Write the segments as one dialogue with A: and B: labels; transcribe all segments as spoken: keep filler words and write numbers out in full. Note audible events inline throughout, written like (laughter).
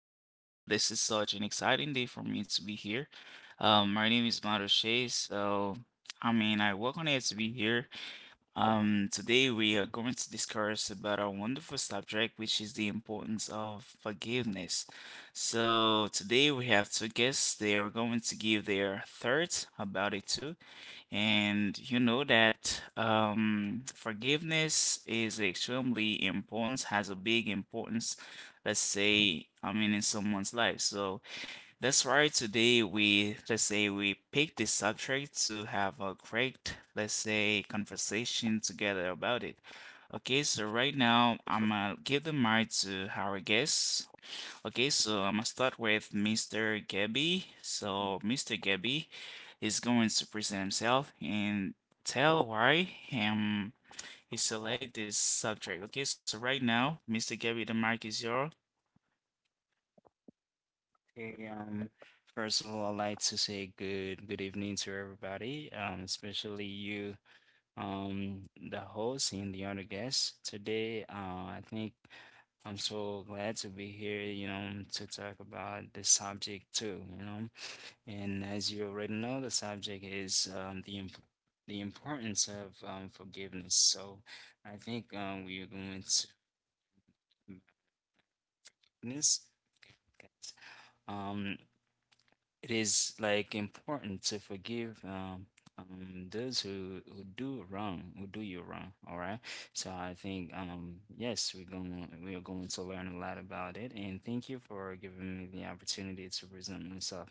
A: So this is such an exciting day for me to be here. Um, my name is Mario Shea. So I mean, I welcome on it to be here. Um, today we are going to discuss about our wonderful subject, which is the importance of forgiveness. So today we have two guests. They are going to give their thoughts about it too. And you know that um, forgiveness is extremely important, has a big importance, let's say, I mean, in someone's life. So that's right. Today we, let's say, we pick this subject to have a great, let's say, conversation together about it. Okay, so right now I'm gonna give the mic to our guest. Okay, so I'm gonna start with mister Gabby. So
B: Mm.
A: mister Gabby is going to present himself and tell why um he select this subject. Okay, so right now, mister Gabby, the mic is yours.
B: Okay, um, first of all, I'd like to say good good evening to everybody, um, especially you, um, the host and the other guests today. Uh, I think I'm so glad to be here, you know, to talk about this subject too, you know. And as you already know, the subject is um, the imp the importance of um, forgiveness. So I think um, we are going to this. Um, it is like important to forgive um, um, those who, who do wrong, who do you wrong. All right. So I think um, yes, we're going we are going to learn a lot about it. And thank you for giving me the opportunity to present myself.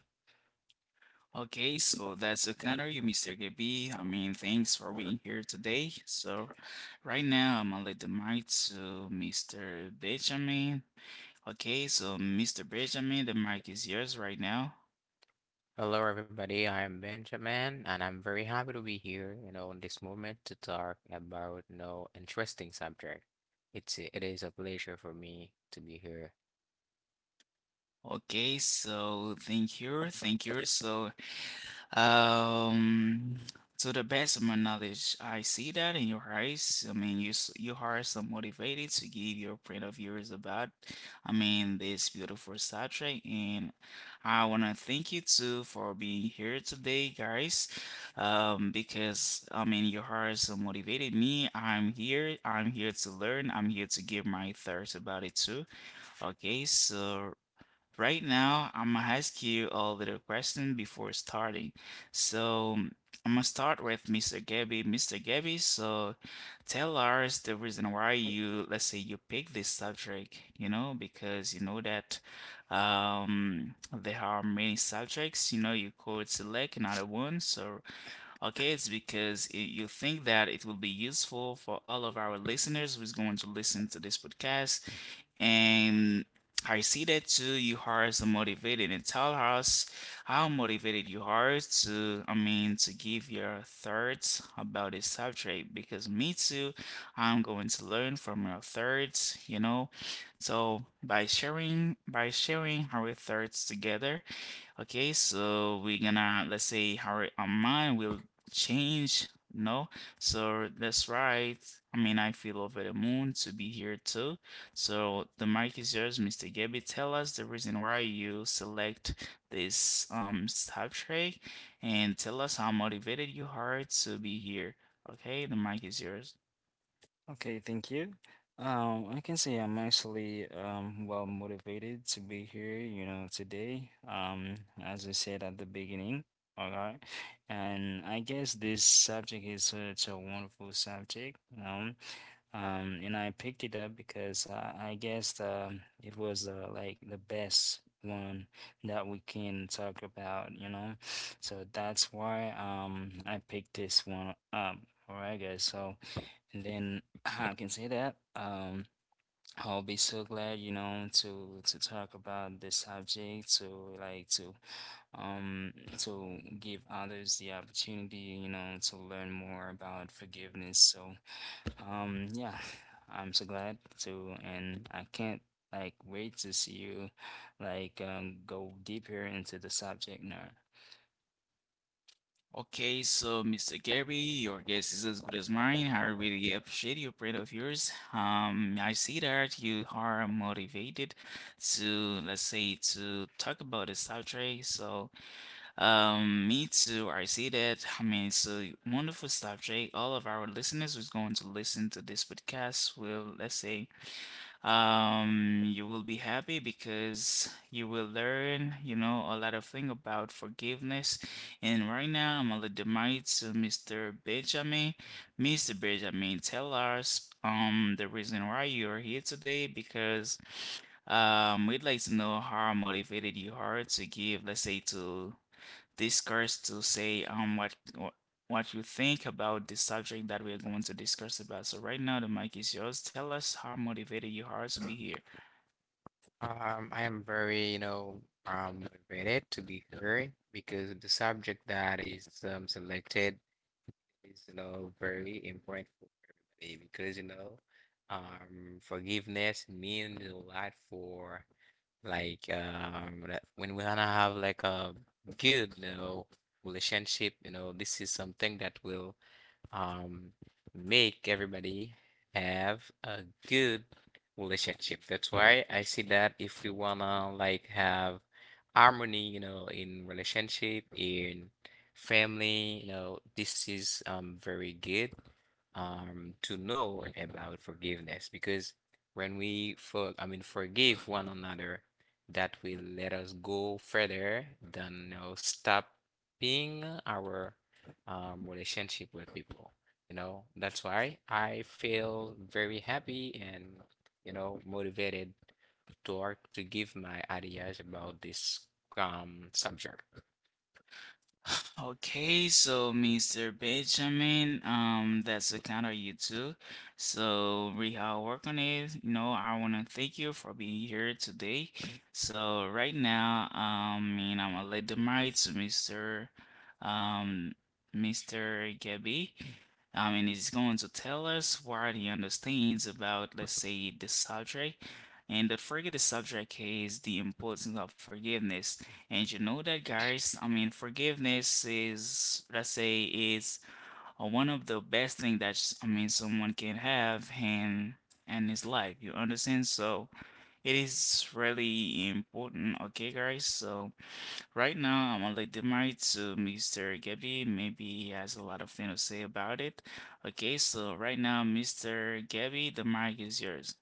A: Okay, so that's a kind of you, mister Gabi. I mean, thanks for being here today. So, right now, I'm gonna let the mic to mister Benjamin. Okay, so mister Benjamin, the mic is yours right now.
C: Hello, everybody. I am Benjamin, and I'm very happy to be here, you know, in this moment to talk about no interesting subject. It's it is a pleasure for me to be here.
A: Okay, so thank you, thank you. So, Um, to the best of my knowledge, I see that in your eyes. I mean, you s- you are so motivated to give your point of views about, I mean, this beautiful subject, and I wanna thank you too for being here today, guys. Um, because I mean, your heart so motivated me. I'm here. I'm here to learn. I'm here to give my thoughts about it too. Okay, so right now, I'm gonna ask you a little question before starting. So I'm gonna start with mister Gabby. mister Gabby, so tell us the reason why you, let's say you pick this subject, you know, because you know that um there are many subjects, you know, you could select another one. So okay, it's because it, you think that it will be useful for all of our listeners who's going to listen to this podcast. And I see that too, you are so motivated and tell us how motivated you are to, I mean, to give your thoughts about this subject because me too, I'm going to learn from your thoughts, you know. So by sharing, by sharing our thoughts together, okay, so we're gonna, let's say, how our mind will change. No, so that's right. I mean, I feel over the moon to be here too. So the mic is yours, mister Gabby. Tell us the reason why you select this um subtract, and tell us how motivated you are to be here. Okay, the mic is yours.
B: Okay, thank you. Um, I can say I'm actually um well motivated to be here, you know, today. Um, as I said at the beginning, all right. And I guess this subject is such a wonderful subject, you know. Um, and I picked it up because I, I guess um it was uh, like the best one that we can talk about, you know. So that's why um I picked this one up. All right, guys. So. And then (clears throat) I can say that um, I'll be so glad, you know, to to talk about this subject, to like to um to give others the opportunity, you know, to learn more about forgiveness. So um yeah, (sighs) I'm so glad to, and I can't like wait to see you like um, go deeper into the subject now.
A: Okay, so mister Gary, your guess is as good as mine. I really appreciate your pride of yours. Um, I see that you are motivated to, let's say, to talk about the subject. So, um, me too. I see that. I mean, it's a wonderful subject. All of our listeners who's going to listen to this podcast will, let's say, um, you will be happy because you will learn, you know, a lot of thing about forgiveness. And right now, I'm gonna demand to mister Benjamin. mister Benjamin, tell us um the reason why you are here today because um we'd like to know how motivated you are to give, let's say, to discuss to say um what what you think about the subject that we are going to discuss about. So right now the mic is yours. Tell us how motivated you are to be here.
C: Um, I am very, you know, um, motivated to be here because the subject that is um, selected is, you know, very important for everybody because, you know, um, forgiveness means a lot for Like um, that when we wanna have like a good, you know, relationship, you know, this is something that will um, make everybody have a good relationship. That's why I see that if we wanna like have harmony, you know, in relationship, in family, you know, this is um very good um to know about forgiveness because when we for I mean forgive one another, that will let us go further than you know stopping our um, relationship with people. You know, that's why I feel very happy and, you know, motivated to work to give my ideas about this um subject.
A: Okay, so mister Benjamin, um, that's the kind of you too. So we all work on it. You know, I wanna thank you for being here today. So right now, um, I mean, I'm gonna let the mic to mister Um, mister Gabby. I mean, he's going to tell us what he understands about, let's say, the subject. And the forget the subject is the importance of forgiveness. And you know that, guys, I mean, forgiveness is, let's say, is uh, one of the best thing that s- I mean someone can have in in his life. You understand? So it is really important. Okay, guys. So right now, I'm gonna let the mic to mister Gabby. Maybe he has a lot of things to say about it. Okay, so right now, mister Gabby, the mic is yours.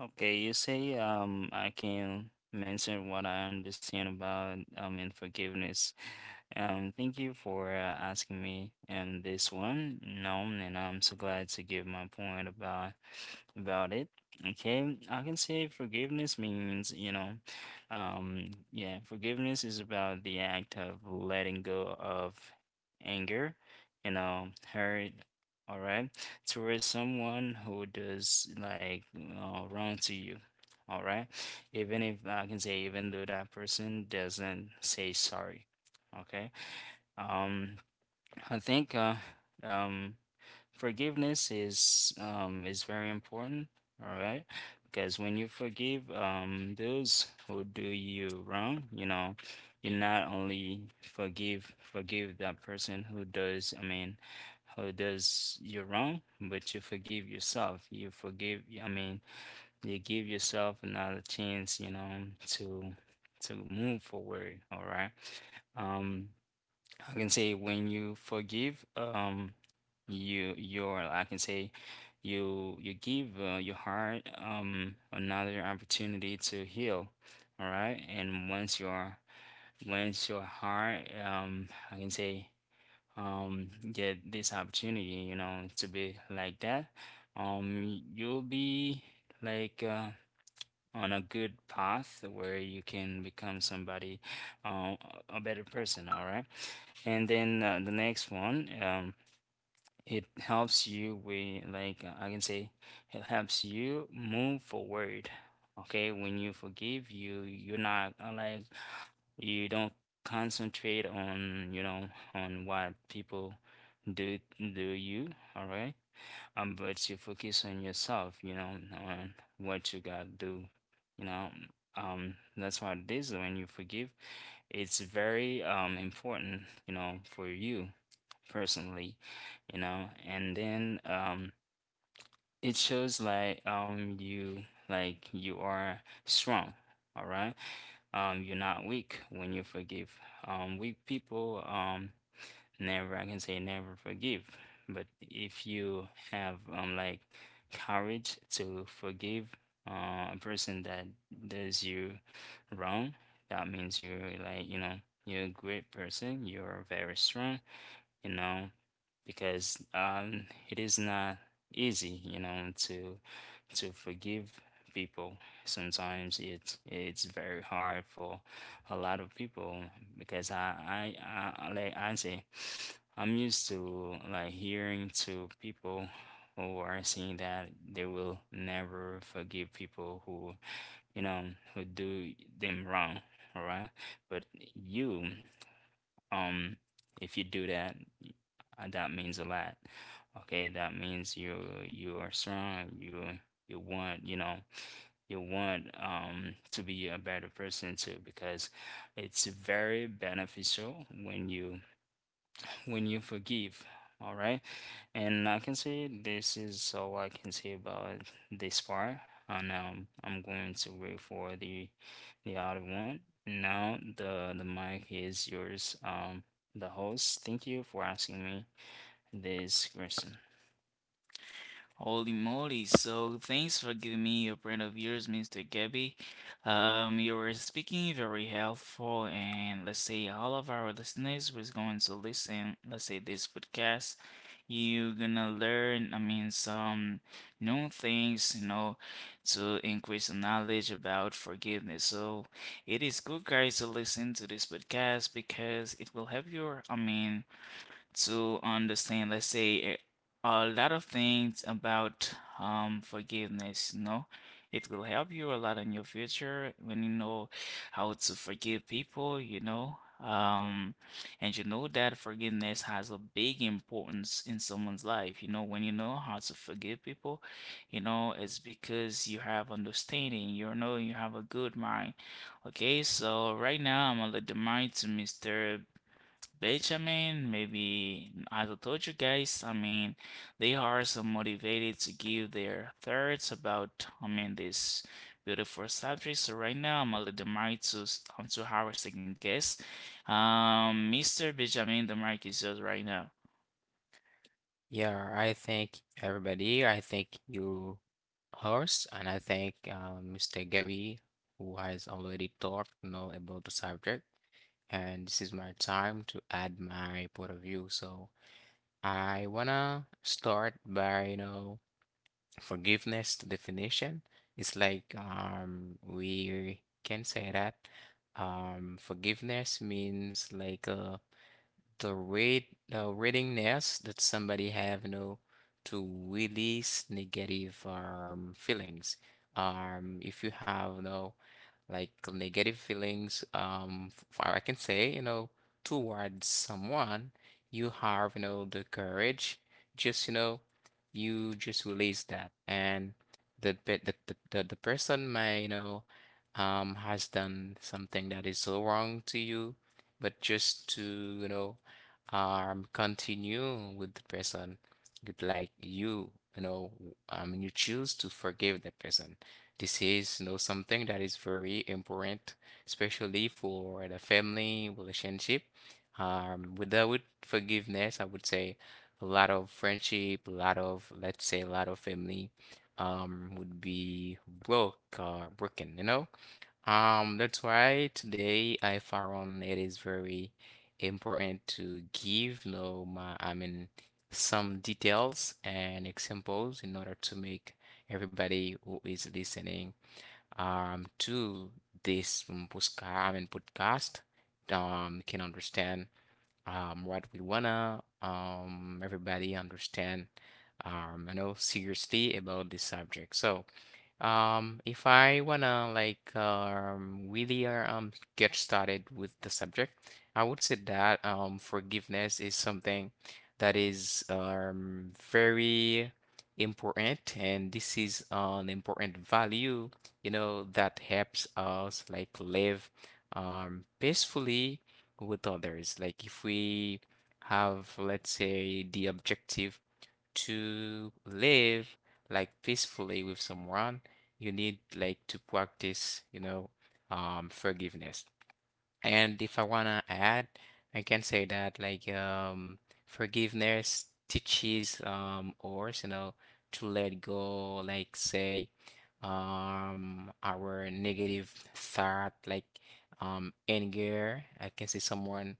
B: Okay, you say um I can mention what I understand about um in forgiveness. Um, thank you for uh, asking me um this one. No, and I'm so glad to give my point about about it. Okay, I can say forgiveness means, you know, um yeah, forgiveness is about the act of letting go of anger, you know, hurt all right, towards someone who does like uh, wrong to you. All right, even if I can say, even though that person doesn't say sorry. Okay, um, I think uh, um, forgiveness is um is very important all right because when you forgive um those who do you wrong, you know, you not only forgive forgive that person who does I mean who does you wrong, but you forgive yourself, you forgive, I mean, you give yourself another chance, you know, to to move forward, all right. um I can say when you forgive, um, you you're I can say you you give uh, your heart um another opportunity to heal, all right? And once your once your heart um I can say um get this opportunity, you know, to be like that, um you'll be like uh, on a good path where you can become somebody, uh, a better person, all right? And then uh, the next one, um, it helps you with, like, uh, I can say, it helps you move forward. Okay, when you forgive you, you're not uh, like you don't concentrate on, you know, on what people do do you, all right? Um, but you focus on yourself, you know, on what you gotta do, you know. Um, that's what it is when you forgive. It's very um important, you know, for you personally, you know, and then um it shows like um you like you are strong, all right? Um, you're not weak when you forgive. Um, weak people, um, never, I can say never forgive. But if you have um like courage to forgive uh, a person that does you wrong, that means you're like, you know, you're a great person, you're very strong, you know, because um, it is not easy, you know, to to forgive people. Sometimes it's it's very hard for a lot of people because I I, I like I say I'm used to like hearing to people who are saying that they will never forgive people who, you know, who do them wrong, all right? But you um, if you do that, uh, that means a lot. Okay, that means you you are strong. You you want, you know, you want um to be a better person too, because it's very beneficial when you when you forgive. All right. And I can say this is all I can say about this part. And um, I'm going to wait for the the other one. Now the the mic is yours. Um, the host. Thank you for asking me this question.
A: Holy moly. So thanks for giving me your brand of yours, mister Gabby. Um, you were speaking very helpful, and let's say all of our listeners was going to listen, let's say this podcast. You're gonna learn, I mean, some new things, you know, to increase your knowledge about forgiveness. So it is good, guys, to listen to this podcast because it will help you, I mean, to understand, let's say, a, lot of things about um, forgiveness, you know. It will help you a lot in your future when you know how to forgive people, you know. Um, and you know that forgiveness has a big importance in someone's life. You know, when you know how to forgive people, you know, it's because you have understanding, you know, you have a good mind. Okay, so right now I'm gonna let the mic to mister Benjamin, maybe as I told you guys, I mean, they are so motivated to give their thoughts about, I mean, this beautiful subject. So right now, I'm gonna let the mic to s- um, to our second guest, um, mister Benjamin. The mic is yours right now.
C: Yeah, I thank everybody. I thank you, host, and I thank um, mister Gabby, who has already talked, you know, about the subject. And this is my time to add my point of view. So I wanna start by, you know, forgiveness definition. It's like um, we can say that um, forgiveness means like uh, the rate uh, readiness that somebody have, you know, to release negative um feelings. Um, if you have, you know, like negative feelings, um, f- for, I can say, you know, towards someone, you have, you know, the courage, just, you know, you just release that, and the pe- the the, the, the person may, you know, um, has done something that is so wrong to you but just to you know um continue with the person with like you you know um you choose to forgive the person. This is you know something that is very important, especially for the family relationship. um without forgiveness, I would say a lot of friendship, a lot of, let's say, a lot of family um would be broke or broken you know um, That's why today I found it is very important to give, you know, my, I mean, some details and examples in order to make everybody who is listening um to this um, posca- I mean, podcast um can understand um what we wanna um everybody understand um you know seriously about this subject. So. Um, if I wanna like um really uh, um get started with the subject, I would say that um forgiveness is something that is um very important, and this is an important value, you know, that helps us like live um peacefully with others. Like if we have, let's say, the objective to live like peacefully with someone, you need like to practice, you know, um, forgiveness. And if I wanna add, I can say that like um forgiveness teaches um us, you know, to let go, like say um our negative thought, like um anger. I can see someone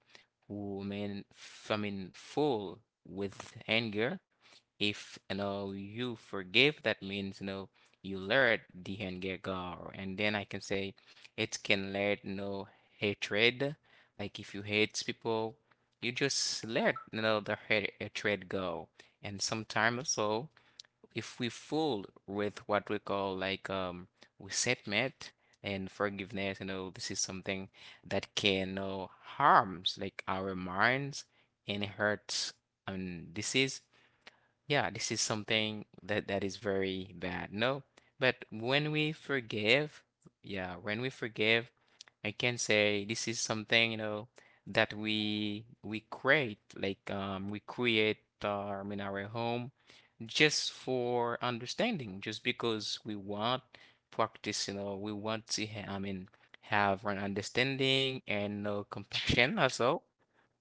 C: who mean f- I mean full with anger. If you know you forgive, that means you know you let the anger go. And then I can say it can let you know hatred. Like if you hate people, you just let you know the hate- hatred go. And sometimes also, if we fool with what we call like um resentment and forgiveness, you know, this is something that can, you know, harms like our minds and hurts. And this is yeah, this is something that that is very bad. No, but when we forgive, yeah, when we forgive, I can say this is something, you know, that we we create, like um we create um in our home just for understanding, just because we want practice, you know, we want to ha I mean have an understanding and no compassion also,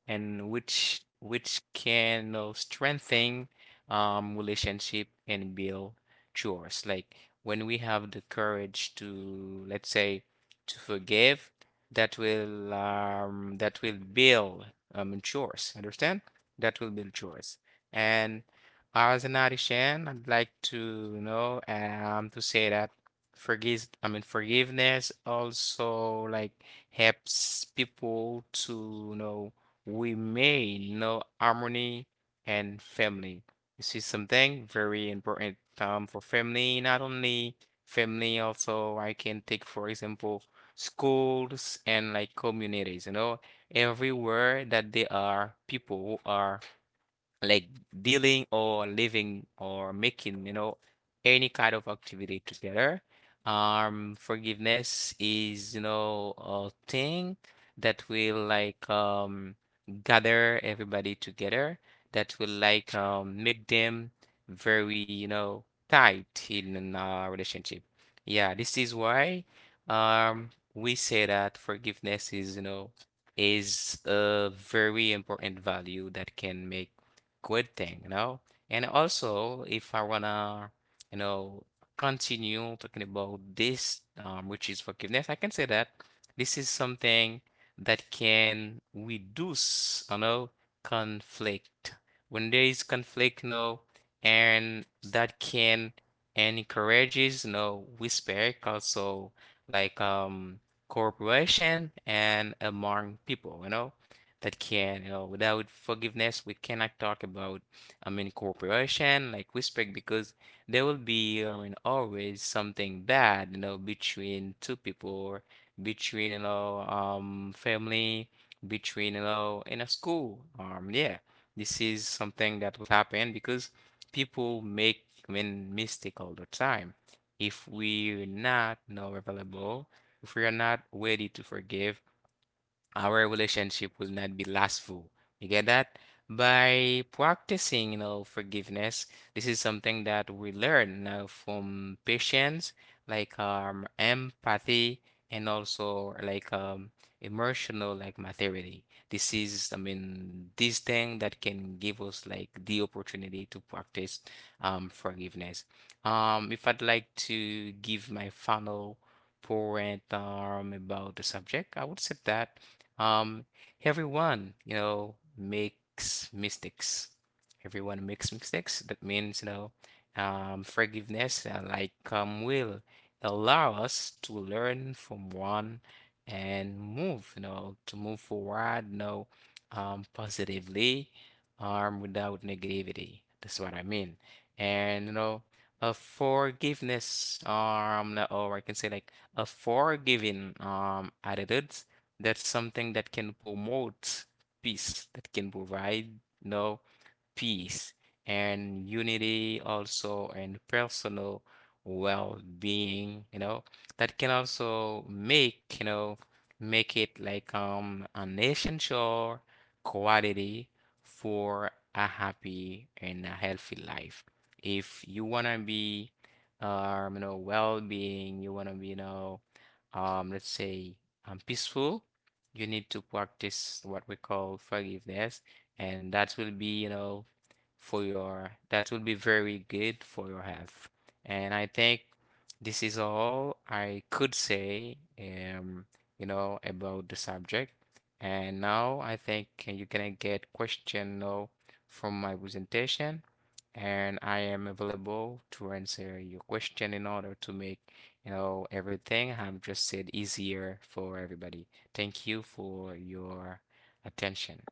C: and which which can uh, strengthen um relationship and build trust. Like when we have the courage to, let's say, to forgive, that will um that will build um trust. Understand? That will build trust. And as an Arishan, I'd like to you know um to say that forgive I mean forgiveness also like helps people to you know we may know harmony and family. This is something very important um, for family, not only family, also I can take, for example, schools and like communities, you know, everywhere that there are people who are like dealing or living or making, you know, any kind of activity together. Um, forgiveness is, you know, a thing that will like um gather everybody together, that will like um make them very, you know, tight in a relationship. Yeah, this is why um we say that forgiveness is, you know, is a very important value that can make good thing, you know? And also, if I wanna, you know, continue talking about this, um, which is forgiveness, I can say that this is something that can reduce, you know, conflict. When there is conflict, you know, and that can encourages, you know, respect also like um cooperation and among people, you know that can, you know, without forgiveness, we cannot talk about, I mean, cooperation, like respect, because there will be, I mean, always something bad, you know, between two people, or between, you know, um, family, between, you know, in a school. Um, yeah, this is something that will happen because people make, I mean, mistake all the time. If we're not, you know, available, if we are not ready to forgive, our relationship will not be lastful. You get that? By practicing, you know, forgiveness, this is something that we learn now from patience, like um, empathy, and also like um, emotional like maturity. This is, I mean, this thing that can give us like the opportunity to practice um, forgiveness. Um, if I'd like to give my final point um, about the subject, I would say that. Um, everyone, you know, makes mistakes. Everyone makes mistakes. That means, you know, um, forgiveness, uh, like um, will allow us to learn from one and move, you know, to move forward, you know, um, positively, um, without negativity. That's what I mean. And, you know, a forgiveness, um, or I can say like a forgiving, um, attitude, that's something that can promote peace, that can provide, you know, peace and unity also and personal well-being, you know, that can also make, you know, make it like um an essential quality for a happy and a healthy life. If you wanna be um you know well-being, you wanna be you know um let's say um peaceful, you need to practice what we call forgiveness, and that will be, you know, for your that will be very good for your health. And I think this is all I could say um you know about the subject. And now I think you can get question now from my presentation, and I am available to answer your question in order to make, you know, everything I've just said easier for everybody. Thank you for your attention.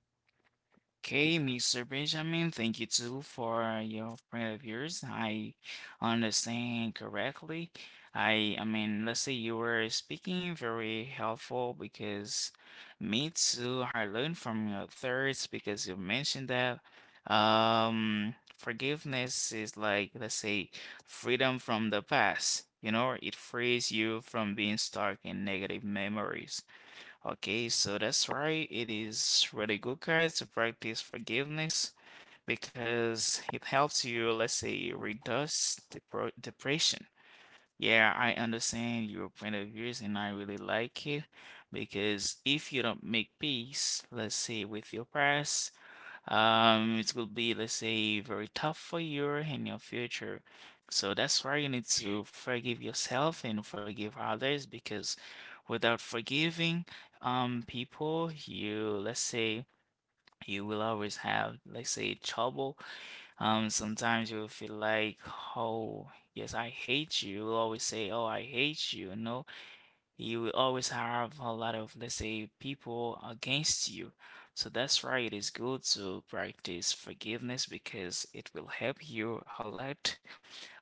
A: Okay, mister Benjamin, thank you too for your point of yours. I understand correctly. I I mean, let's say you were speaking very helpful because me too, I learned from your thirds because you mentioned that um forgiveness is, like, let's say, freedom from the past. You know, it frees you from being stuck in negative memories. Okay, so that's why it is really good, guys, to practice forgiveness because it helps you, let's say, reduce depro depression. Yeah, I understand your point of views and I really like it because if you don't make peace, let's say, with your past, um, it will be, let's say, very tough for you in your future. So that's why you need to forgive yourself and forgive others because without forgiving um people, you, let's say, you will always have, let's say, trouble. Um, sometimes you will feel like, oh, yes, I hate you. You will always say, oh, I hate you. No, you will always have a lot of, let's say, people against you. So that's why it is good to practice forgiveness because it will help you a lot,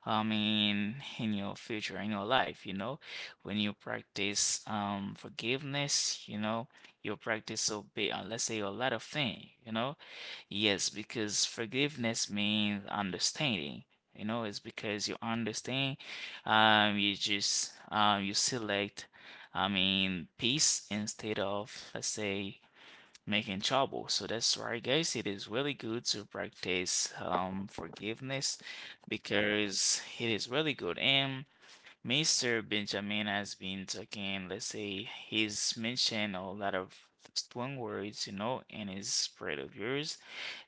A: I mean, in your future, in your life, you know. When you practice um forgiveness, you know, you practice obey, uh, let's say a lot of things, you know. Yes, because forgiveness means understanding. You know, it's because you understand, um, you just um, you select, I mean, peace instead of, let's say, making trouble. So that's why, guys, it is really good to practice um forgiveness because it is really good. And mister Benjamin has been talking, let's say, he's mentioned a lot of strong words, you know, in his spread of yours.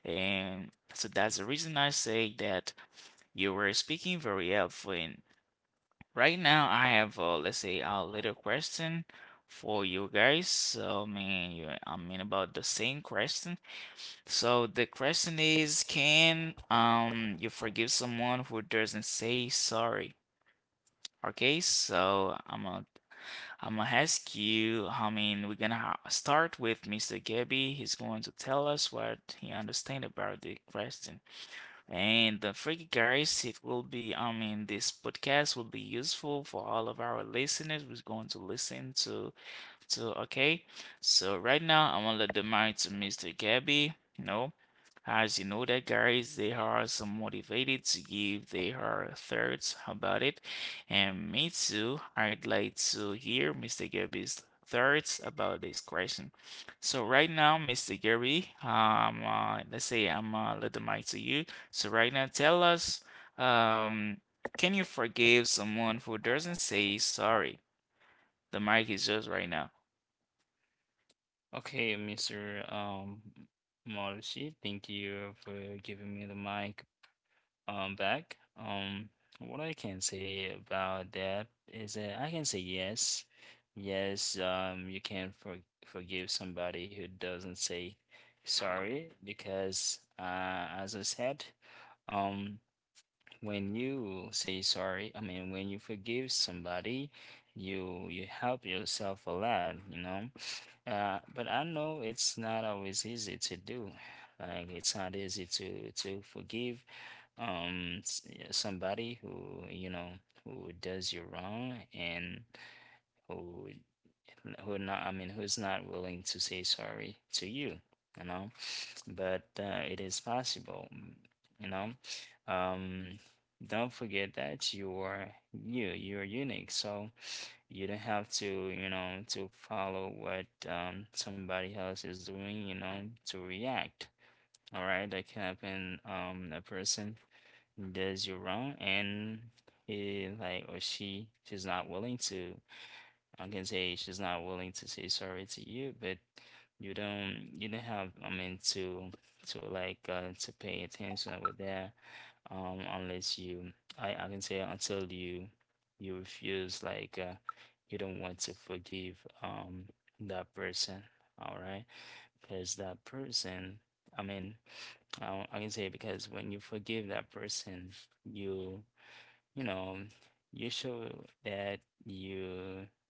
A: And so that's the reason I say that you were speaking very helpfully. And right now, I have, uh, let's say, a little question for you guys. So, I mean, you, I mean, about the same question. So the question is, can um you forgive someone who doesn't say sorry? Okay, so I'm gonna I'm gonna ask you. I mean, we're gonna ha- start with mister Gabby. He's going to tell us what he understand about the question. And uh, for you guys, it will be, I mean, this podcast will be useful for all of our listeners who's going to listen to. So, okay, so right now I'm gonna let the mic to mister Gabby. You know, as you know that guys, they are so motivated to give their thoughts about it, and me too. I'd like to hear mister Gabby's thoughts about this question. So right now, mister Gabby, um, uh, let's say I'm, uh, let the mic to you. So right now, tell us, um, can you forgive someone who doesn't say sorry? The mic is yours right now.
B: Okay, mister Um, Marucci, thank you for giving me the mic um back. Um, what I can say about that is that I can say yes, yes. Um, you can for forgive somebody who doesn't say sorry because, uh, as I said, um, when you say sorry, I mean when you forgive somebody, you you help yourself a lot, you know. Uh, but I know it's not always easy to do. Like it's not easy to to forgive um s- yeah, somebody who, you know, who does you wrong and who who not, I mean, who's not willing to say sorry to you, you know. But uh, it is possible, mm, you know. um don't forget that you are you, you're unique, so you don't have to, you know, to follow what um somebody else is doing, you know, to react. All right, that can happen. Um, a person does you wrong, and he like, or she she's not willing to. I can say she's not willing to say sorry to you, but you don't you don't have, I mean, to to like uh, to pay attention over there, um, unless you I I can say until you you refuse like, uh, you don't want to forgive um that person. All right, because that person, I mean, I, I can say because when you forgive that person, you, you know, you show that you,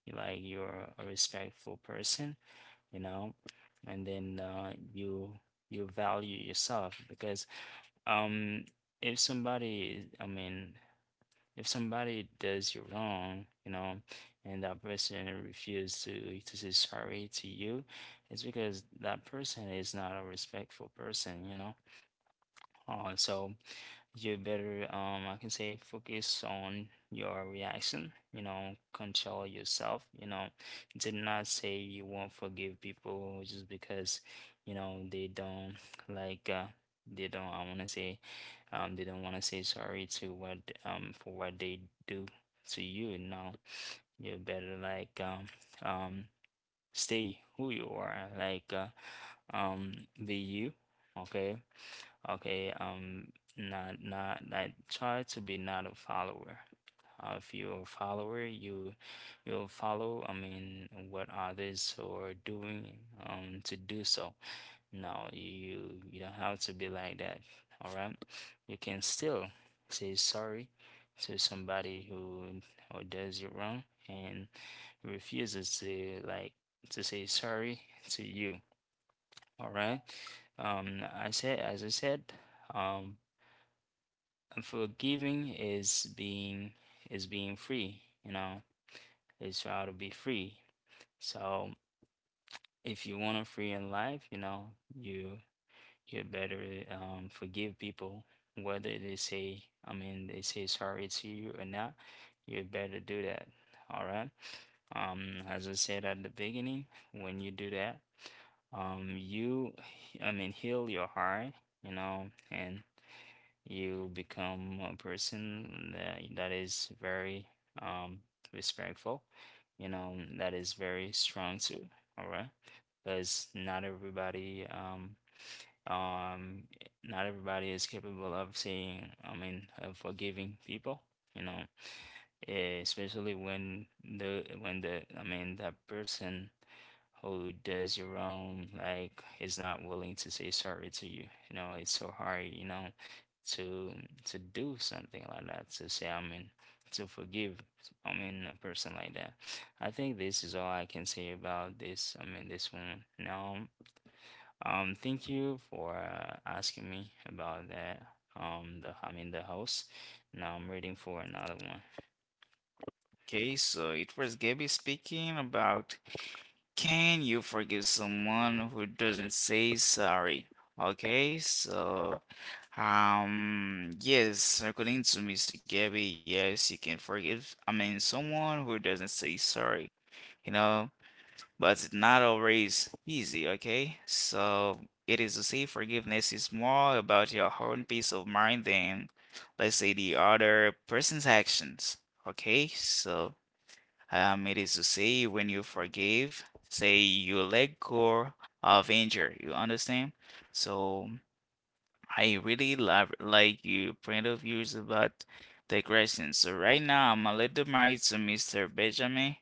B: you like you're a respectful person, you know, and then uh, you you value yourself because um if somebody, I mean, if somebody does you wrong, you know, and that person refuses to to say sorry to you, it's because that person is not a respectful person, you know. Uh, so you better, um, I can say, focus on your reaction, you know, control yourself, you know. Did not say you won't forgive people just because, you know, they don't like, uh, they don't, I want to say, um, they don't want to say sorry to what, um, for what they do to you. No, you better like, um, um, stay who you are, like uh, um, be you, okay, okay, um, not not like try to be not a follower. Uh, if you're a follower, you you'll follow. I mean, what others are doing um to do so. No, you you don't have to be like that. All right, you can still say sorry to somebody who who does you wrong and refuses to like to say sorry to you. All right. Um, I said, as I said, um, forgiving is being is being free. You know, it's how to be free. So if you want to free in life, you know, you you better, um, forgive people, whether they say, I mean, they say sorry to you or not. You better do that. All right. Um, as I said at the beginning, when you do that, um, you, I mean, heal your heart, you know, and you become a person that, that is very um respectful, you know, that is very strong too, all right? Because not everybody um um not everybody is capable of seeing, I mean, of forgiving people, you know, eh, especially when the when the I mean that person who does you wrong like is not willing to say sorry to you. You know, it's so hard, you know, to to do something like that to say, I mean, to forgive, I mean, a person like that. I think this is all I can say about this, I mean, this one now. Um thank you for uh, asking me about that, um the I mean the house. Now I'm waiting for another one.
A: Okay, so it was Gabby speaking about, can you forgive someone who doesn't say sorry? Okay, so um yes, according to mister Gabby, yes, you can forgive I mean someone who doesn't say sorry, you know, but it's not always easy, okay? So it is to say forgiveness is more about your own peace of mind than, let's say, the other person's actions. Okay, so um, it is to say when you forgive, say you let go of anger. You understand? So I really love like your point of views about the question. So right now I'm gonna let the mic to mister Benjamin.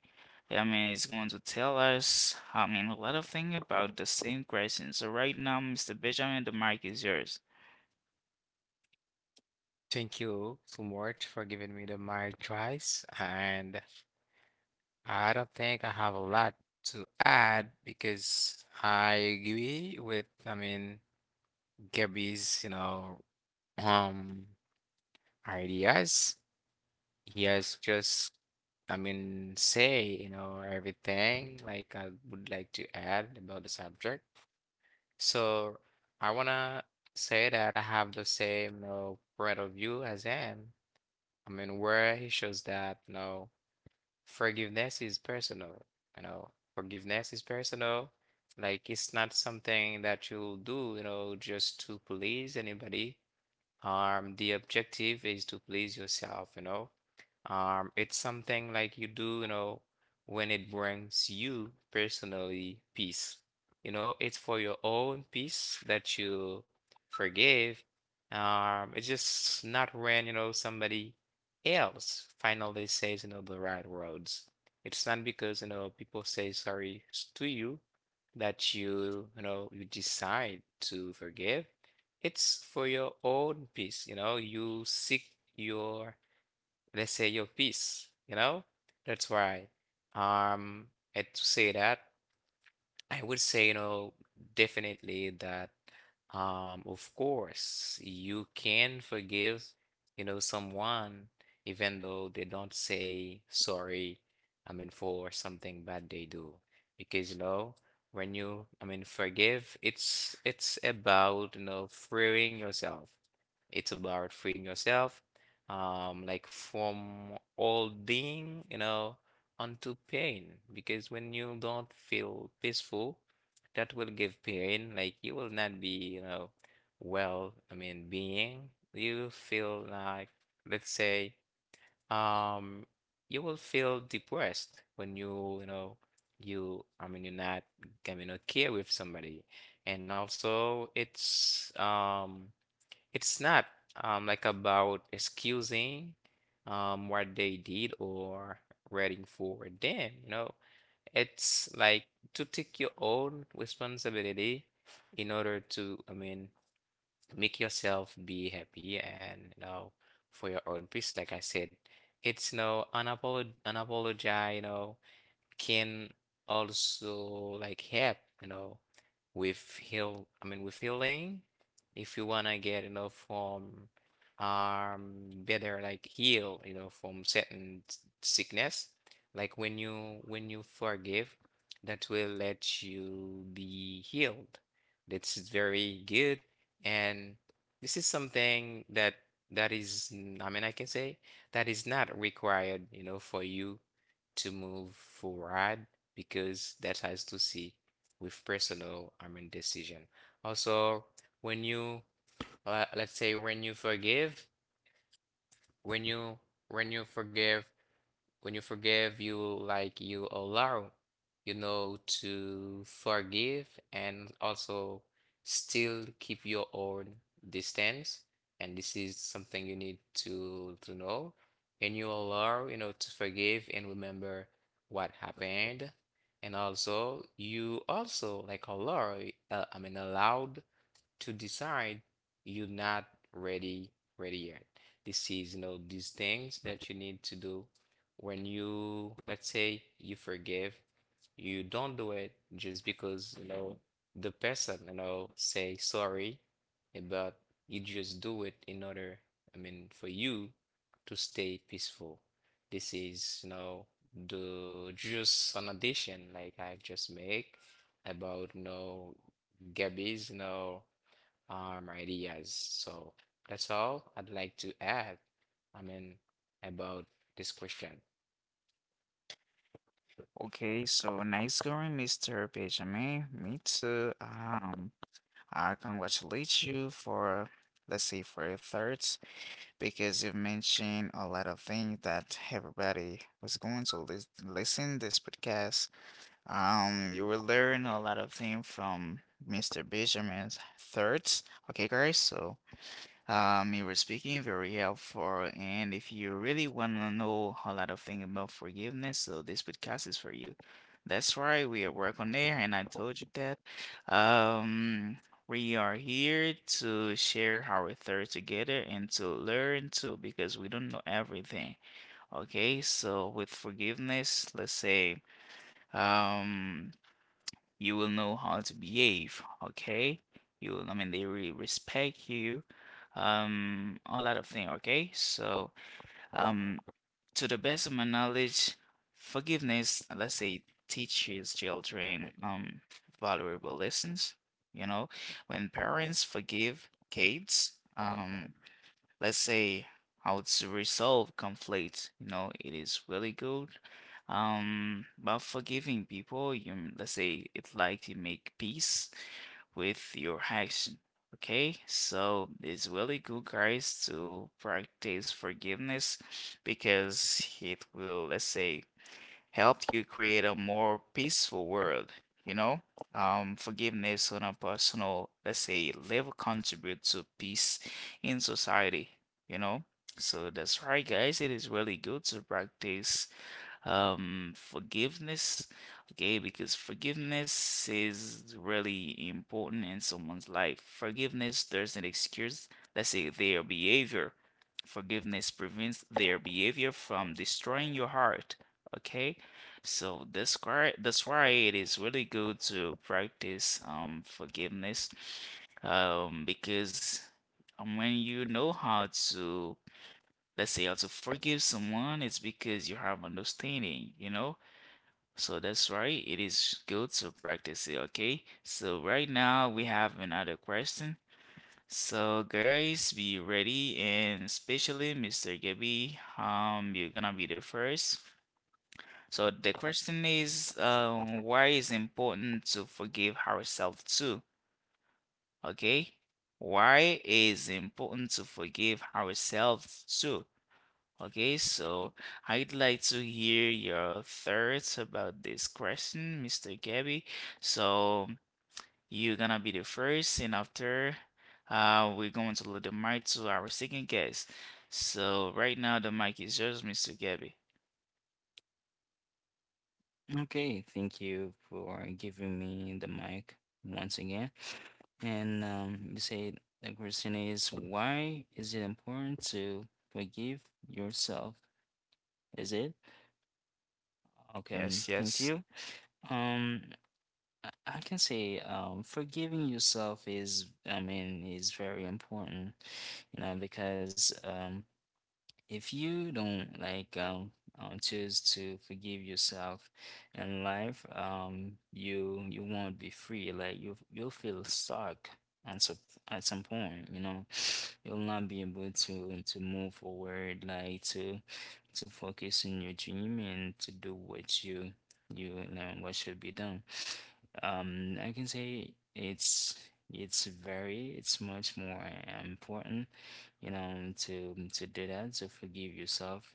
A: I mean, He's going to tell us, I mean, a lot of things about the same question. So right now, mister Benjamin, the mic is yours.
C: Thank you so much for giving me the mic twice. And I don't think I have a lot to add because I agree with, I mean, Gabby's, you know, um, ideas. He has just, I mean, say, you know, everything like I would like to add about the subject. So I wanna say that I have the same, you know, point of view as him. I mean, where he shows that, no. Forgiveness is personal, you know. Forgiveness is personal. Like it's not something that you'll do, you know, just to please anybody. Um, the objective is to please yourself, you know. Um, it's something like you do, you know, when it brings you personally peace. You know, it's for your own peace that you forgive. Um, it's just not when, you know, somebody else finally says, you know, the right words. It's not because, you know, people say sorry s- to you that you, you know, you decide to forgive. It's for your own peace, you know, you seek your let's say your peace you know that's why um and to say that I would say you know definitely that um of course you can forgive, you know, someone even though they don't say sorry. I mean for something bad they do, because you know when you, I mean, forgive, it's it's about you know freeing yourself. It's about freeing yourself, um, like from holding, you know, onto pain. Because when you don't feel peaceful, that will give pain. Like you will not be, you know, well, I mean, being. You feel like, let's say, um, you will feel depressed when you, you know, you, I mean, you're not, I mean, not care with somebody. And also, it's, um, it's not um, like about excusing um, what they did or waiting for them. You know, it's like to take your own responsibility in order to, I mean, make yourself be happy and you know for your own peace. Like I said, it's no unapolog unapologize. You know, can also like help, you know, with heal, I mean, with healing, if you wanna get, you know, from um better like heal, you know, from certain s- sickness. Like when you when you forgive, that will let you be healed. That's very good, and this is something that that is, mm, I mean, I can say that is not required, you know, for you to move forward because that has to see with personal, I mean, decision. Also, when you, uh, let's say when you forgive, when you when you forgive when you forgive, you like you allow, you know, to forgive and also still keep your own distance. And this is something you need to to know. And you allow, you know, to forgive and remember what happened. And also, you also like allow, uh, I mean, allowed to decide you're not ready ready yet. This is you know these things that you need to do when you, let's say, you forgive. You don't do it just because you know the person, you know say sorry, eh, but you just do it in order, I mean, for you to stay peaceful. This is, you know the just an addition like I've just make about, you know Gabby's, you know um, ideas. So that's all I'd like to add, I mean, about this question.
A: Okay, so nice going, mister Benjamin. Me too. Um, I congratulate you for, let's say, for your thirds, because you've mentioned a lot of things that everybody was going to lis- listen this podcast. Um, you will learn a lot of things from mister Benjamin's thirds. Okay, guys, so um, you were speaking very helpful, and if you really want to know a lot of things about forgiveness, so this podcast is for you. That's right, we are work on there, and I told you that. Um, we are here to share our thoughts together and to learn too, because we don't know everything. Okay, so with forgiveness, let's say, um you will know how to behave, okay? You will, I mean, they really respect you, um, a lot of things, okay? So, um, to the best of my knowledge, forgiveness, let's say, teaches children, um, valuable lessons. You know, when parents forgive kids, um, let's say how to resolve conflict, you know, it is really good. um but forgiving people, you m- let's say it, like you make peace with your action. Okay, so it's really good, guys, to practice forgiveness because it will, let's say, helped you create a more peaceful world, you know? Um, forgiveness on a personal, let's say, level contributes to peace in society, you know? So that's right, guys. It is really good to practice um forgiveness, okay, because forgiveness is really important in someone's life. Forgiveness doesn't excuse, let's say, their behavior. Forgiveness prevents their behavior from destroying your heart, okay? So that's why that's why it is really good to practice um forgiveness, um because um, when you know how to, let's say, how to forgive someone, it's because you have understanding, you know? So that's right, it is good to practice it, okay? So right now we have another question. So guys, be ready, and especially mister Gabby, um, you're gonna be the first. So the question is, um, why is important to forgive ourselves too? Okay? Why is important to forgive ourselves too? Okay, so I'd like to hear your thoughts about this question, mister Gabby. So you're gonna be the first, and after, uh, we're going to let the mic to our second guest. So right now the mic is yours, mister Gabby.
B: Okay, thank you for giving me the mic once again. And um, you said the question is, why is it important to forgive yourself? Is it? Okay, um,
A: Yes,
B: thank
A: yes.
B: you. Um, I I can say, um, forgiving yourself is, I mean, is very important, you know, because um, if you don't like um, uh, choose to forgive yourself in life, um, you you won't be free. Like you you'll feel stuck at some at some point. You know, (sighs) (sniffs) you'll not be able to to move forward. Like to to focus on your dream and to do what you you know what should be done. Um, I can say it's it's very it's much more important, you know, to to do that, to forgive yourself.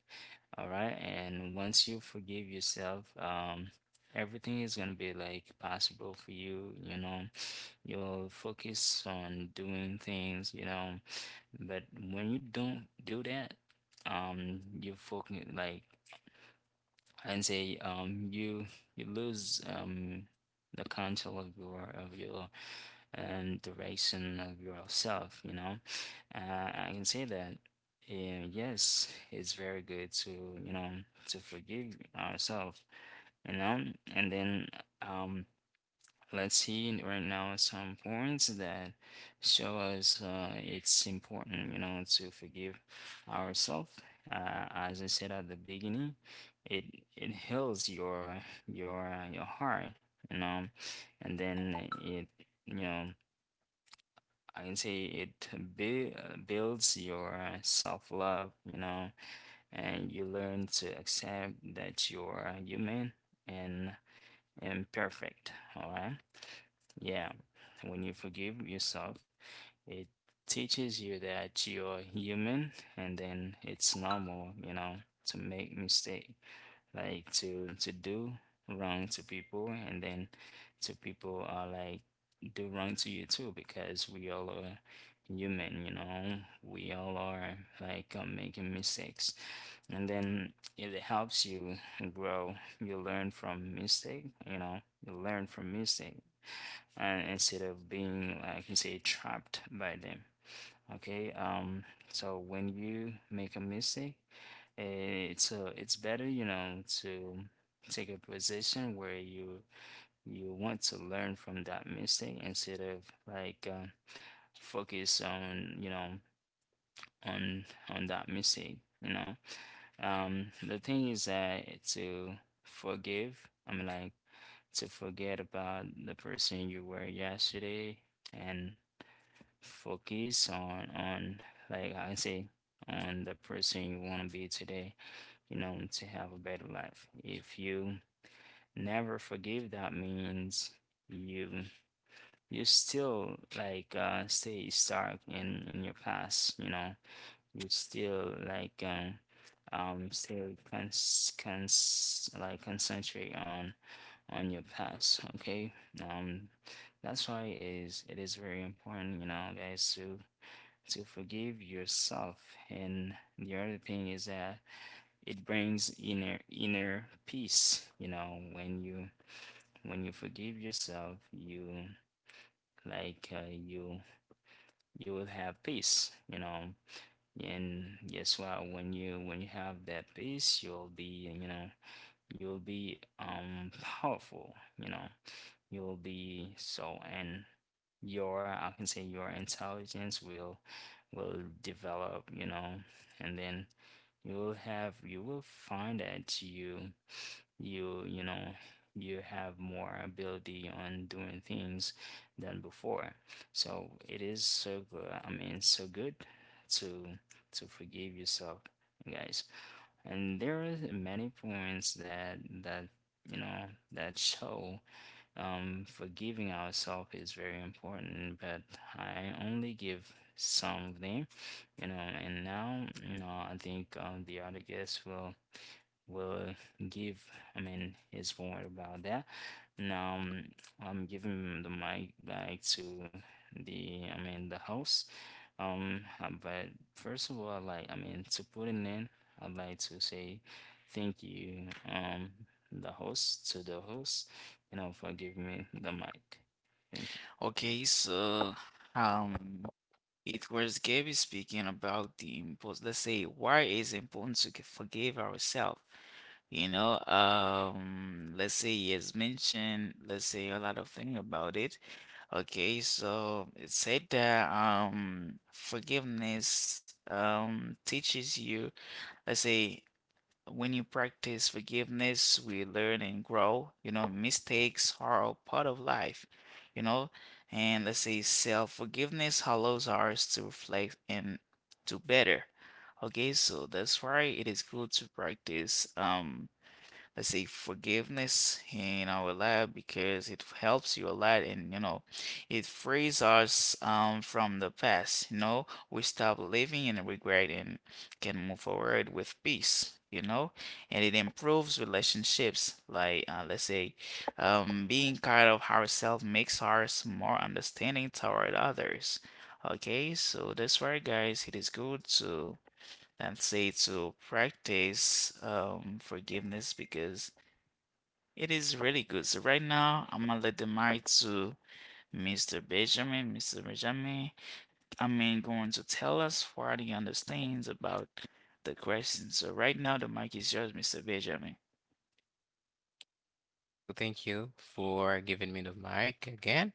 B: All right. And once you forgive yourself, um, everything is gonna be like possible for you, you know. You'll focus on doing things, you know. But when you don't do that, um, you focus like and say um you you lose um the control of your of your um direction of yourself, you know. uh, I can say that uh, yes, it's very good to, you know, to forgive ourselves, you know. And then um let's see right now some points that show us, uh, it's important, you know, to forgive ourselves. Uh, as I said at the beginning, it it heals your your uh, your heart, you know. And then it you know I can say it bui- uh builds your self love, you know, and you learn to accept that you're human and imperfect. All right. Yeah. When you forgive yourself, it teaches you that you're human, and then it's normal, you know, to make mistakes, like to to do wrong to people, and then to people are like do wrong to you too, because we all are human, you know, we all are like uh, making mistakes. And then it helps you grow. You learn from mistake, you know, you learn from mistake, and instead of being like, I can say, trapped by them. Okay. Um so when you make a mistake, it's uh, it's better, you know, to take a position where you you want to learn from that mistake, instead of like uh, focus on, you know, on on that mistake. You know, um, the thing is that to forgive, I mean, like to forget about the person you were yesterday and focus on on like I say, on the person you want to be today, you know, to have a better life. If you never forgive, that means you you still like uh stay stuck in in your past, you know. You still like um um still cons cons like concentrate on on your past, okay? Um that's why it is it is very important, you know, guys, to to forgive yourself. And the other thing is that it brings inner inner peace, you know. When you when you forgive yourself, you like uh, you you will have peace, you know. And guess what? When you when you have that peace, you'll be, you know, you will be um powerful, you know, you will be so. And your, I can say, your intelligence will will develop, you know. And then you will have, you will find that you you you know you have more ability on doing things than before. So it is so good, I mean, so good to to forgive yourself, guys. And there is many points that that you know, that show um, forgiving ourselves is very important, but I only give some of them, you know. And now, you know, I think um, the other guests will will give, I mean, his word about that. Now, um, I'm giving the mic back to the, I mean, the host. Um, uh, but first of all, i like, I mean, to put it in, I'd like to say thank you, um, the host, to the host, you know, for giving me the mic. Thank you.
A: Okay, so um, it was Gabby speaking about the impulse. Let's say, why is it important to g- forgive ourselves? You know, um, let's say he has mentioned, let's say, a lot of things about it. Okay, so it said that um forgiveness um teaches you, let's say, when you practice forgiveness, we learn and grow. You know, mistakes are a part of life, you know, and let's say self-forgiveness allows us to reflect and do better. Okay, so that's why it is good to practice, um let's say, forgiveness in our life, because it helps you a lot, and you know, it frees us um from the past, you know. We stop living in regret and can move forward with peace, you know. And it improves relationships, like uh, let's say, um being kind of ourselves makes us more understanding toward others. Okay, so that's why, guys, it is good to, and say, to practice, um, forgiveness, because it is really good. So right now, I'm gonna let the mic to mister Benjamin. mister Benjamin, I mean, going to tell us what he understands about the question. So right now, the mic is yours, mister Benjamin.
C: So thank you for giving me the mic again.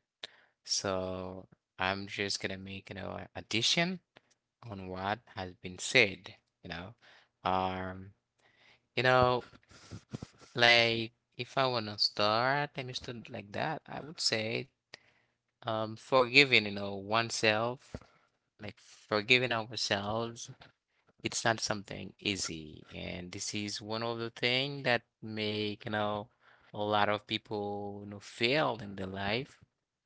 C: So I'm just gonna make, you know, an addition on what has been said, you know. Um, you know, like if I wanna start, let me start like that. I would say, um, forgiving, you know, oneself, like forgiving ourselves. It's not something easy, and this is one of the things that make, you know a lot of people, you know fail in their life,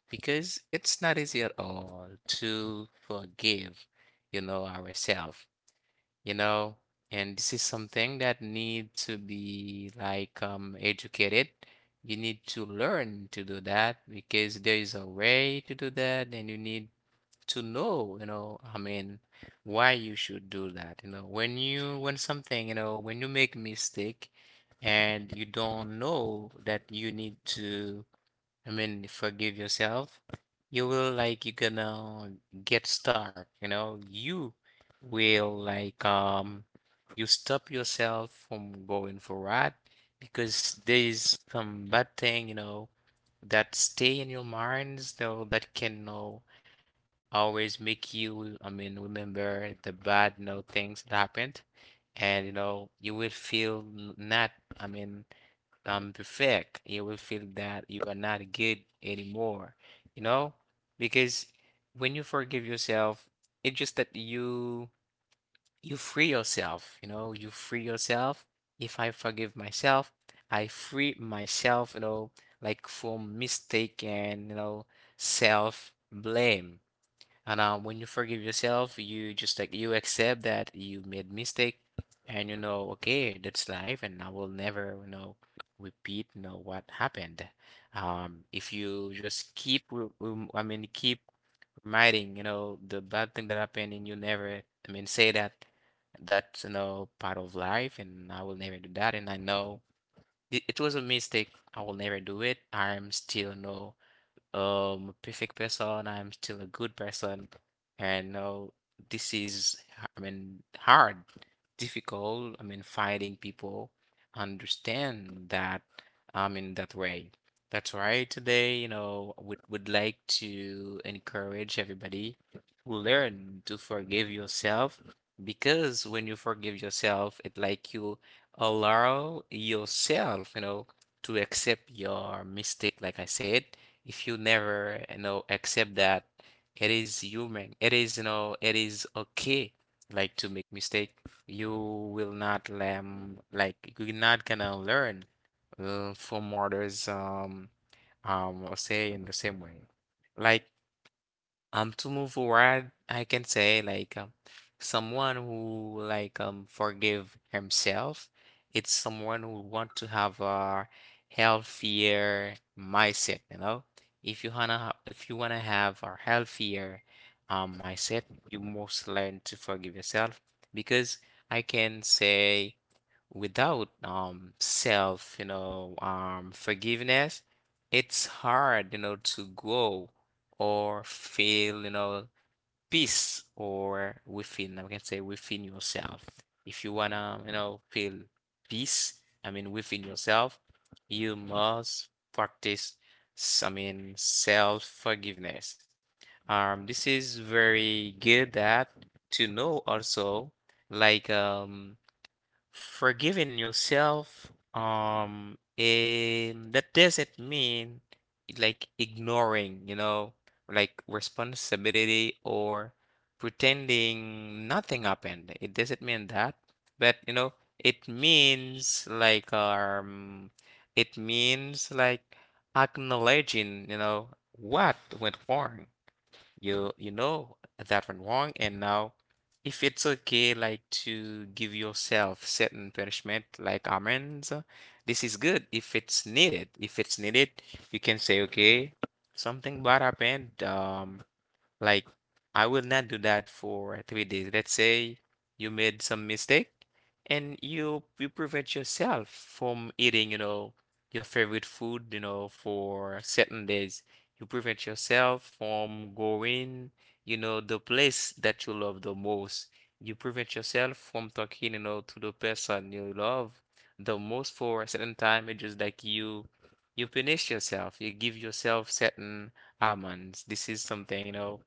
C: because it's not easy at all to forgive, you know ourselves, you know and this is something that need to be like um educated. You need to learn to do that because there is a way to do that, and you need to know, you know, I mean, why you should do that. You know, when you, when something, you know, when you make mistake and you don't know that you need to, I mean, forgive yourself, you will like, you're gonna get stuck, you know, you will like, um, you stop yourself from going forward, because there is some bad thing, you know, that stay in your minds, though, that can, you know always make you, I mean, remember the bad, you know, things that happened. And, you know, you will feel n- not, I mean, um, perfect. You will feel that you are not good anymore, you know? Because when you forgive yourself, it's just that you you free yourself, you know, you free yourself. If I forgive myself, I free myself, you know, like from mistake, and, you know, self blame. And uh, when you forgive yourself, you just like you accept that you made mistake, and you know, okay, that's life, and I will never, you know, repeat, you know, what happened. Um, if you just keep, re- rem- I mean, keep reminding, you know, the bad thing that happened, and you never, I mean, say that that's, you know, part of life, and I will never do that, and I know it, it was a mistake. I will never do it. I'm still, no um perfect person. I'm still a good person. And no, this is, h- I mean, hard, difficult. I mean, finding people understand that I'm in that way. That's why today, you know, would would like to encourage everybody to learn to forgive yourself, because when you forgive yourself, it like you allow yourself, you know, to accept your mistake. Like I said, if you never, you know accept that it is human, it is, you know it is okay, like, to make mistake, you will not learn. Like, you're not gonna learn, uh, from others, um um or say in the same way, like, um, to move forward. I can say like, um, someone who like, um forgive himself, it's someone who want to have a healthier mindset, you know. If you wanna ha- if you wanna have a healthier um mindset, you must learn to forgive yourself, because I can say, without um self, you know, um forgiveness, it's hard, you know, to grow or feel, you know, peace or within, I can say within yourself. If you wanna, you know, feel peace, I mean, within yourself, you must practice, s- I mean, self-forgiveness. Um, this is very good, that to know also, like, um forgiving yourself, um and that doesn't mean like ignoring, you know, like responsibility or pretending nothing happened. It doesn't mean that, but you know it means like, um it means like acknowledging, you know, what went wrong, you you know that went wrong. And now, if it's okay, like, to give yourself certain punishment like amends, this is good. If it's needed if it's needed you can say okay, something bad happened. Um like, I will not do that for three days. Let's say you made some mistake and you you prevent yourself from eating, you know, your favorite food, you know, for certain days. You prevent yourself from going, you know, the place that you love the most. You prevent yourself from talking, you know, to the person you love the most for a certain time. It's just like you you punish yourself. You give yourself certain almonds. This is something, you know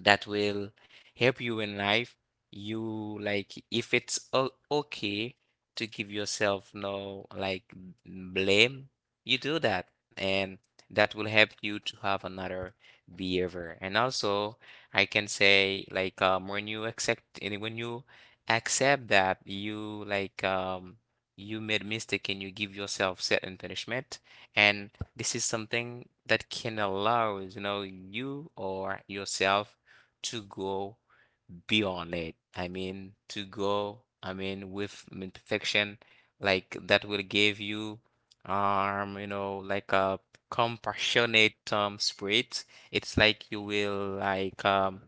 C: that will help you in life. You, like, if it's o- okay, to give yourself no like m- blame, you do that, and that will help you to have another behavior. And also, I can say, like, um when you accept and when you accept that you like, um you made mistake, and you give yourself certain punishment, and this is something that can allow, you know you or yourself, to go beyond it. I mean, to go, I mean, with, I mean, perfection. Like, that will give you, um, you know, like a compassionate um spirit. It's like you will like um,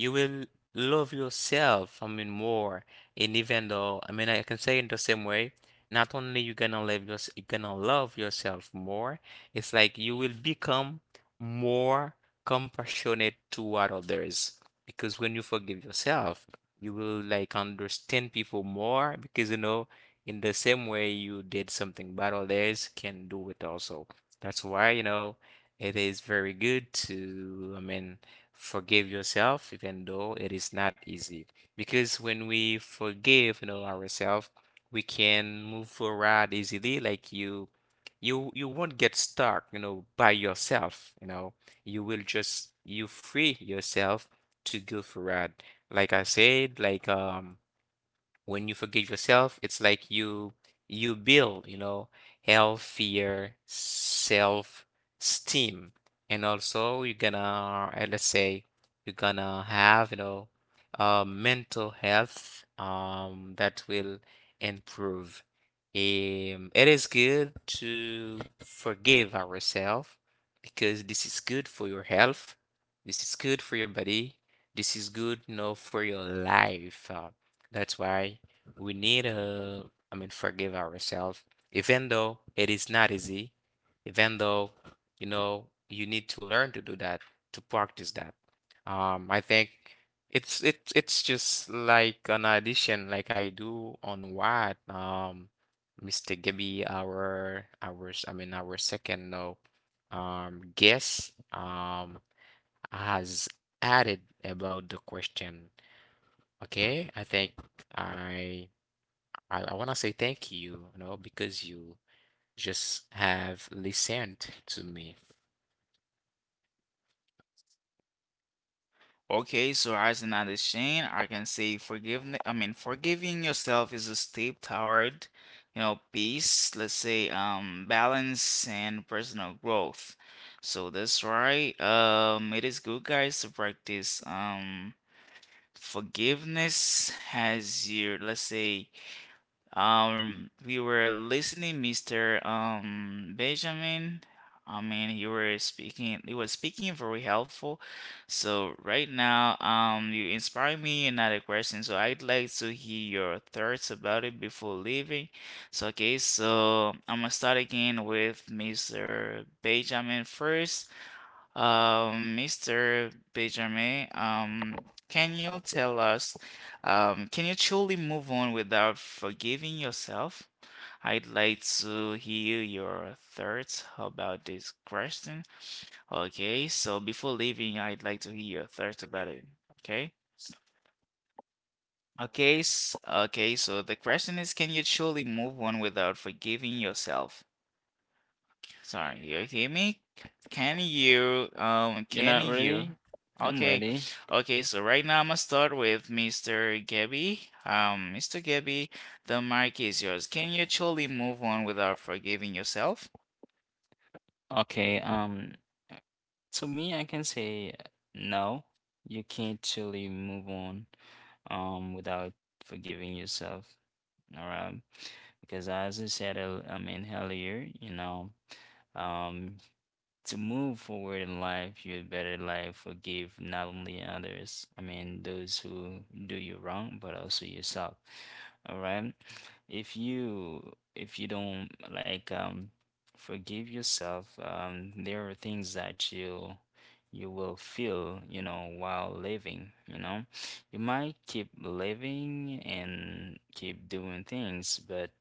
C: you will love yourself, I mean, more. And even though, I mean, I can say in the same way, not only you gonna love yourself, you gonna love yourself more. It's like you will become more compassionate toward others, because when you forgive yourself, you will, like, understand people more, because, you know, in the same way you did something bad, others can do it also. That's why, you know, it is very good to, I mean, forgive yourself, even though it is not easy. Because when we forgive, you know, ourselves, we can move forward easily. Like, you, you, you won't get stuck, you know, by yourself, you know. You will just, you free yourself, to go for a. Like I said, like, um when you forgive yourself, it's like you you build, you know, healthier self-esteem. And also you're gonna, uh, let's say, you're gonna have, you know, uh, mental health, um, that will improve. Um, it is good to forgive ourselves, because this is good for your health. This is good for your body. This is good, you know, for your life. Uh, that's why we need, uh, I mean, forgive ourselves, even though it is not easy, even though, you know, you need to learn to do that, to practice that. Um, I think it's it's it's just like an addition, like I do on what, um, mister Gibby, our our s- I mean our second uh, um guest um has added about the question. Okay, I think I I, I want to say thank you, you know, because you just have listened to me.
A: Okay, so as another Shane, I can say forgiveness. I mean, forgiving yourself is a step toward, you know, peace. Let's say, um, balance and personal growth. So that's right. Um, it is good, guys, to practice. Um forgiveness has your, let's say, um we were listening mr um benjamin, I mean, you were speaking you were speaking very helpful. So right now, um you inspire me another question, so I'd like to hear your thoughts about it before leaving. So okay, so I'm gonna start again with mr benjamin first. um, mister Benjamin, um, can you tell us, um, can you truly move on without forgiving yourself? I'd like to hear your thoughts about this question. Okay, so before leaving, I'd like to hear your thoughts about it. Okay. Okay, s- okay, so the question is, can you truly move on without forgiving yourself? Sorry, you hear me? C- Can you? Um,
B: You're
A: can
B: not
A: you?
B: ready? I'm
A: Okay,
B: ready.
A: okay. So right now I'm gonna start with mister Gabby. Um, mister Gabby, the mic is yours. Can you actually move on without forgiving yourself?
B: Okay. um, To me, I can say no. You can't truly move on um without forgiving yourself. All right. Because as I said, earl- I mean, earlier, you know, um to move forward in life, you had better like forgive not only others, I mean those who do you wrong, but also yourself. All right. If you if you don't like um forgive yourself, um there are things that you you will feel, you know, while living, you know. You might keep living and keep doing things, but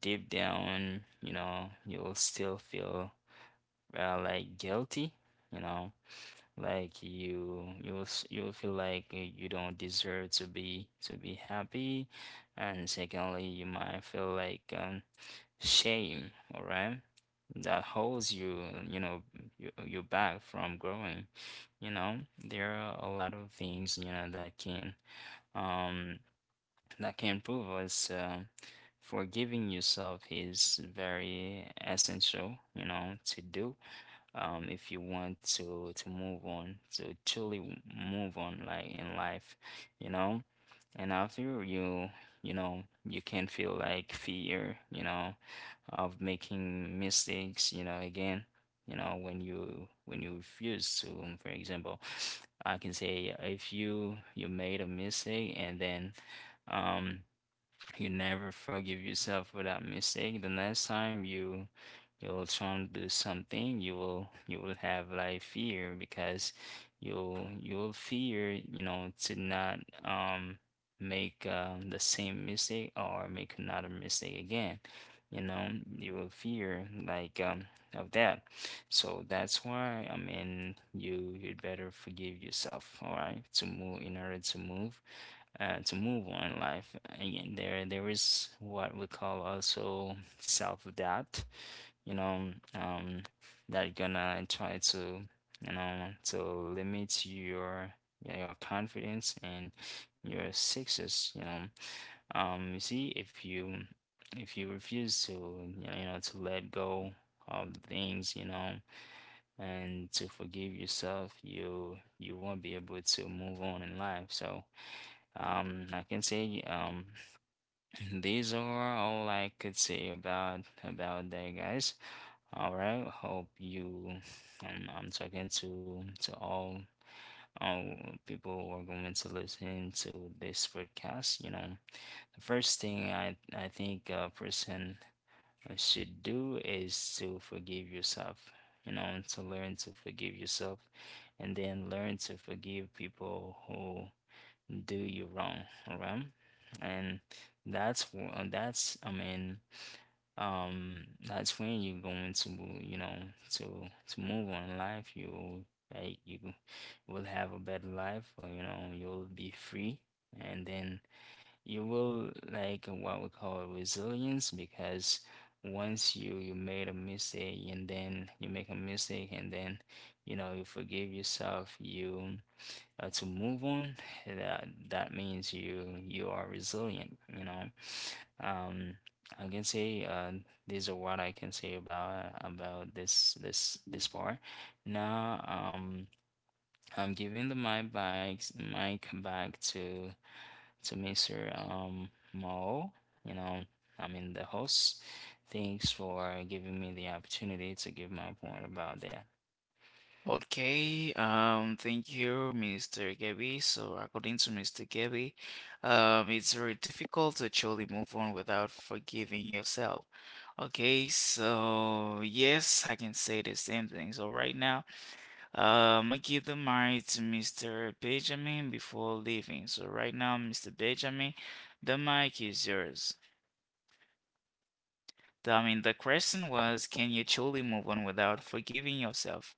B: deep down, you know, you'll still feel uh, like guilty, you know, like you you will s- you will feel like uh, you don't deserve to be to be happy. And secondly, you might feel like um shame, all right? That holds you, you know, you, you back from growing. You know, there are a lot of things, you know, that can um that can prove us. Um, forgiving yourself is very essential, you know, to do um, if you want to to move on, to truly move on, like in life, you know. And after you, you know, you can feel like fear, you know, of making mistakes, you know, again, you know, when you when you refuse to, um, for example, I can say, if you you made a mistake, and then um you never forgive yourself for that mistake, the next time you you'll try to do something, you will you will have like fear, because you'll you'll fear, you know, to not um make um, the same mistake or make another mistake again, you know. You will fear like um of that. So that's why, I mean, you you'd better forgive yourself, all right, to move, in order to move, uh, to move on in life. And there, there is what we call also self-doubt, you know, um, that gonna try to, you know, to limit your your confidence and your success, you know. Um, you see, if you if you refuse to, you know, you know, to let go of the things, you know, and to forgive yourself, you you won't be able to move on in life. So um, I can say um, (laughs) (clears throat) these are all I could say about about that, guys. All right. Hope you. Um, I'm talking to to all um people who are going to listen to this podcast. You know, the first thing I I think a person should do is to forgive yourself. You know, to learn to forgive yourself, and then learn to forgive people who do you wrong, alright? And that's wh- uh, that's, I mean, um, that's when you're going to, you know, to to move on in life. You like you will have a better life, or, you know, you'll be free. And then you will like what we call resilience, because once you you made a mistake, and then you make a mistake, and then, you know, you forgive yourself, you uh, to move on, that that means you you are resilient, you know. Um, I can say uh, these are what I can say about about this this this part. Now, um, I'm giving the my back mic back to to mister Um Mo, you know, I mean, the host. Thanks for giving me the opportunity to give my point about that.
A: Okay. Um, thank you, mister Gabby. So according to mister Gabby, um, it's very difficult to actually move on without forgiving yourself. Okay, so yes, I can say the same thing. So right now. Um, I give the mic to mister Benjamin before leaving. So right now, mister Benjamin, the mic is yours. The- I mean, the question was, can you truly move on without forgiving yourself?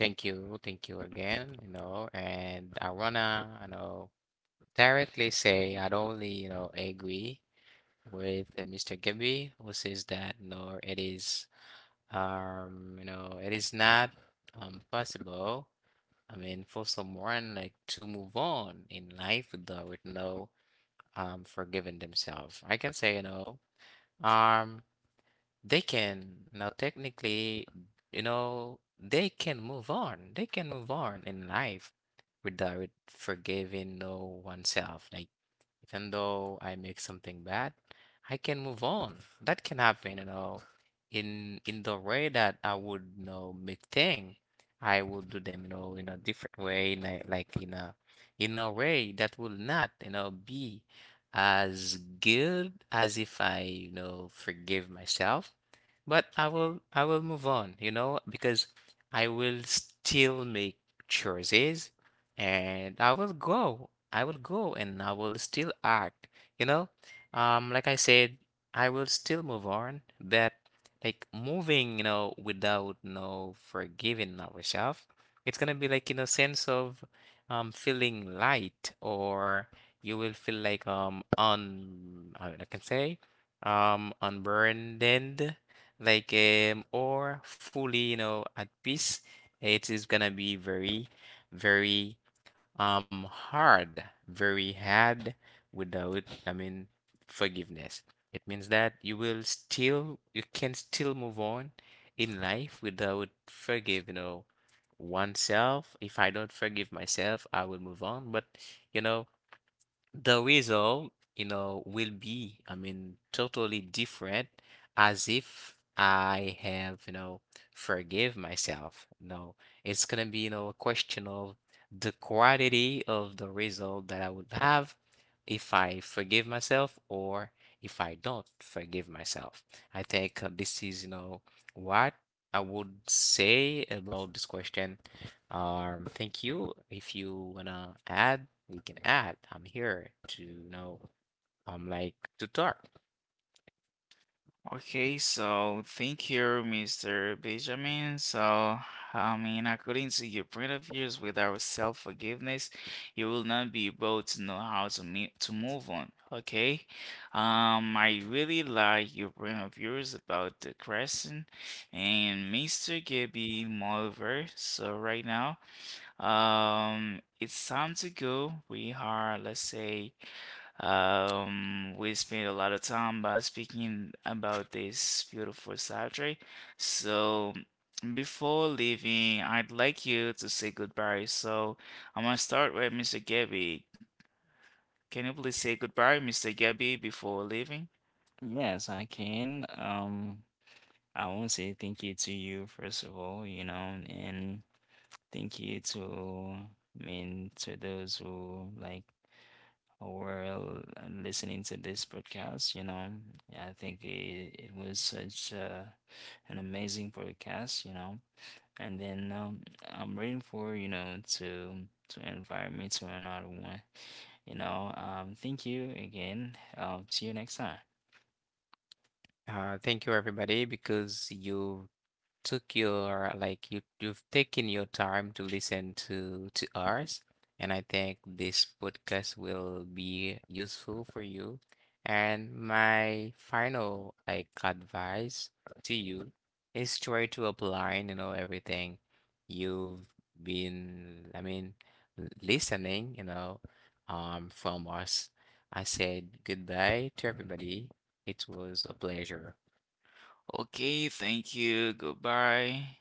C: Thank you, thank you again, you know, and I wanna, you know, directly say, I don't only, you know, agree with, uh, mister Gabby, who says that no, it is, um, you know, it is not um possible. I mean, for someone like to move on in life without, you know, um forgiven themselves. I can say, you know, um they can now technically, you know, they can move on. They can move on in life without forgiving no oneself. Like, even though I make something bad, I can move on. That can happen, you know, in in the way that I would, you know, make thing. I would do them, you know, in a different way, in a- like in a in a way that will not, you know, be as good as if I, you know, forgive myself. But I will I will move on, you know, because I will still make choices, and I will go. I will go, and I will still act. You know, um, like I said, I will still move on. But, like, moving, you know, without no forgiving ourselves, it's gonna be like in a sense of um feeling light, or you will feel like, um un, how I can say, um unburdened, like, um or fully, you know, at peace. It is gonna be very, very um hard, very hard, without, I mean, forgiveness. It means that you will still, you can still move on in life without forgive, you know oneself. If I don't forgive myself, I will move on, but, you know the result, you know, will be, I mean, totally different, as if I have, you know, forgive myself. No, it's gonna be, you know, a question of the quality of the result that I would have if I forgive myself, or if I don't forgive myself. I think, uh, this is, you know, what I would say about this question. Um, thank you. If you wanna add, we can add. I'm here to, you know, I'm, um, like, to talk.
A: Okay, so thank you, mister Benjamin. So, I mean, according to your point of views, without self-forgiveness, you will not be able to know how to me to move on. Okay, um, I really like your point of views about the question, and mister Gibby, moreover. So right now, um, it's time to go. We are, let's say. Um, we spent a lot of time by speaking about this beautiful subject. So before leaving, I'd like you to say goodbye. So I'm gonna start with mister Gabby. Can you please say goodbye, mister Gabby, before leaving?
B: Yes, I can. Um, I want to say thank you to you, first of all, you know, and thank you to, I mean, to those who like were l- listening to this podcast, you know. Yeah, I think it, it was such a, an amazing podcast, you know. And then um, I'm waiting for, you know, to to invite me to another one, you know. Um, thank you again. Um, see you next time.
C: Uh, thank you everybody, because you took your, like, you you've taken your time to listen to to ours, and I think this podcast will be useful for you. And my final, like, advice to you is, try to apply, you know everything you've been, I mean, l- listening, you know um from us. I said goodbye to everybody. It was a pleasure.
A: Okay, thank you. Goodbye.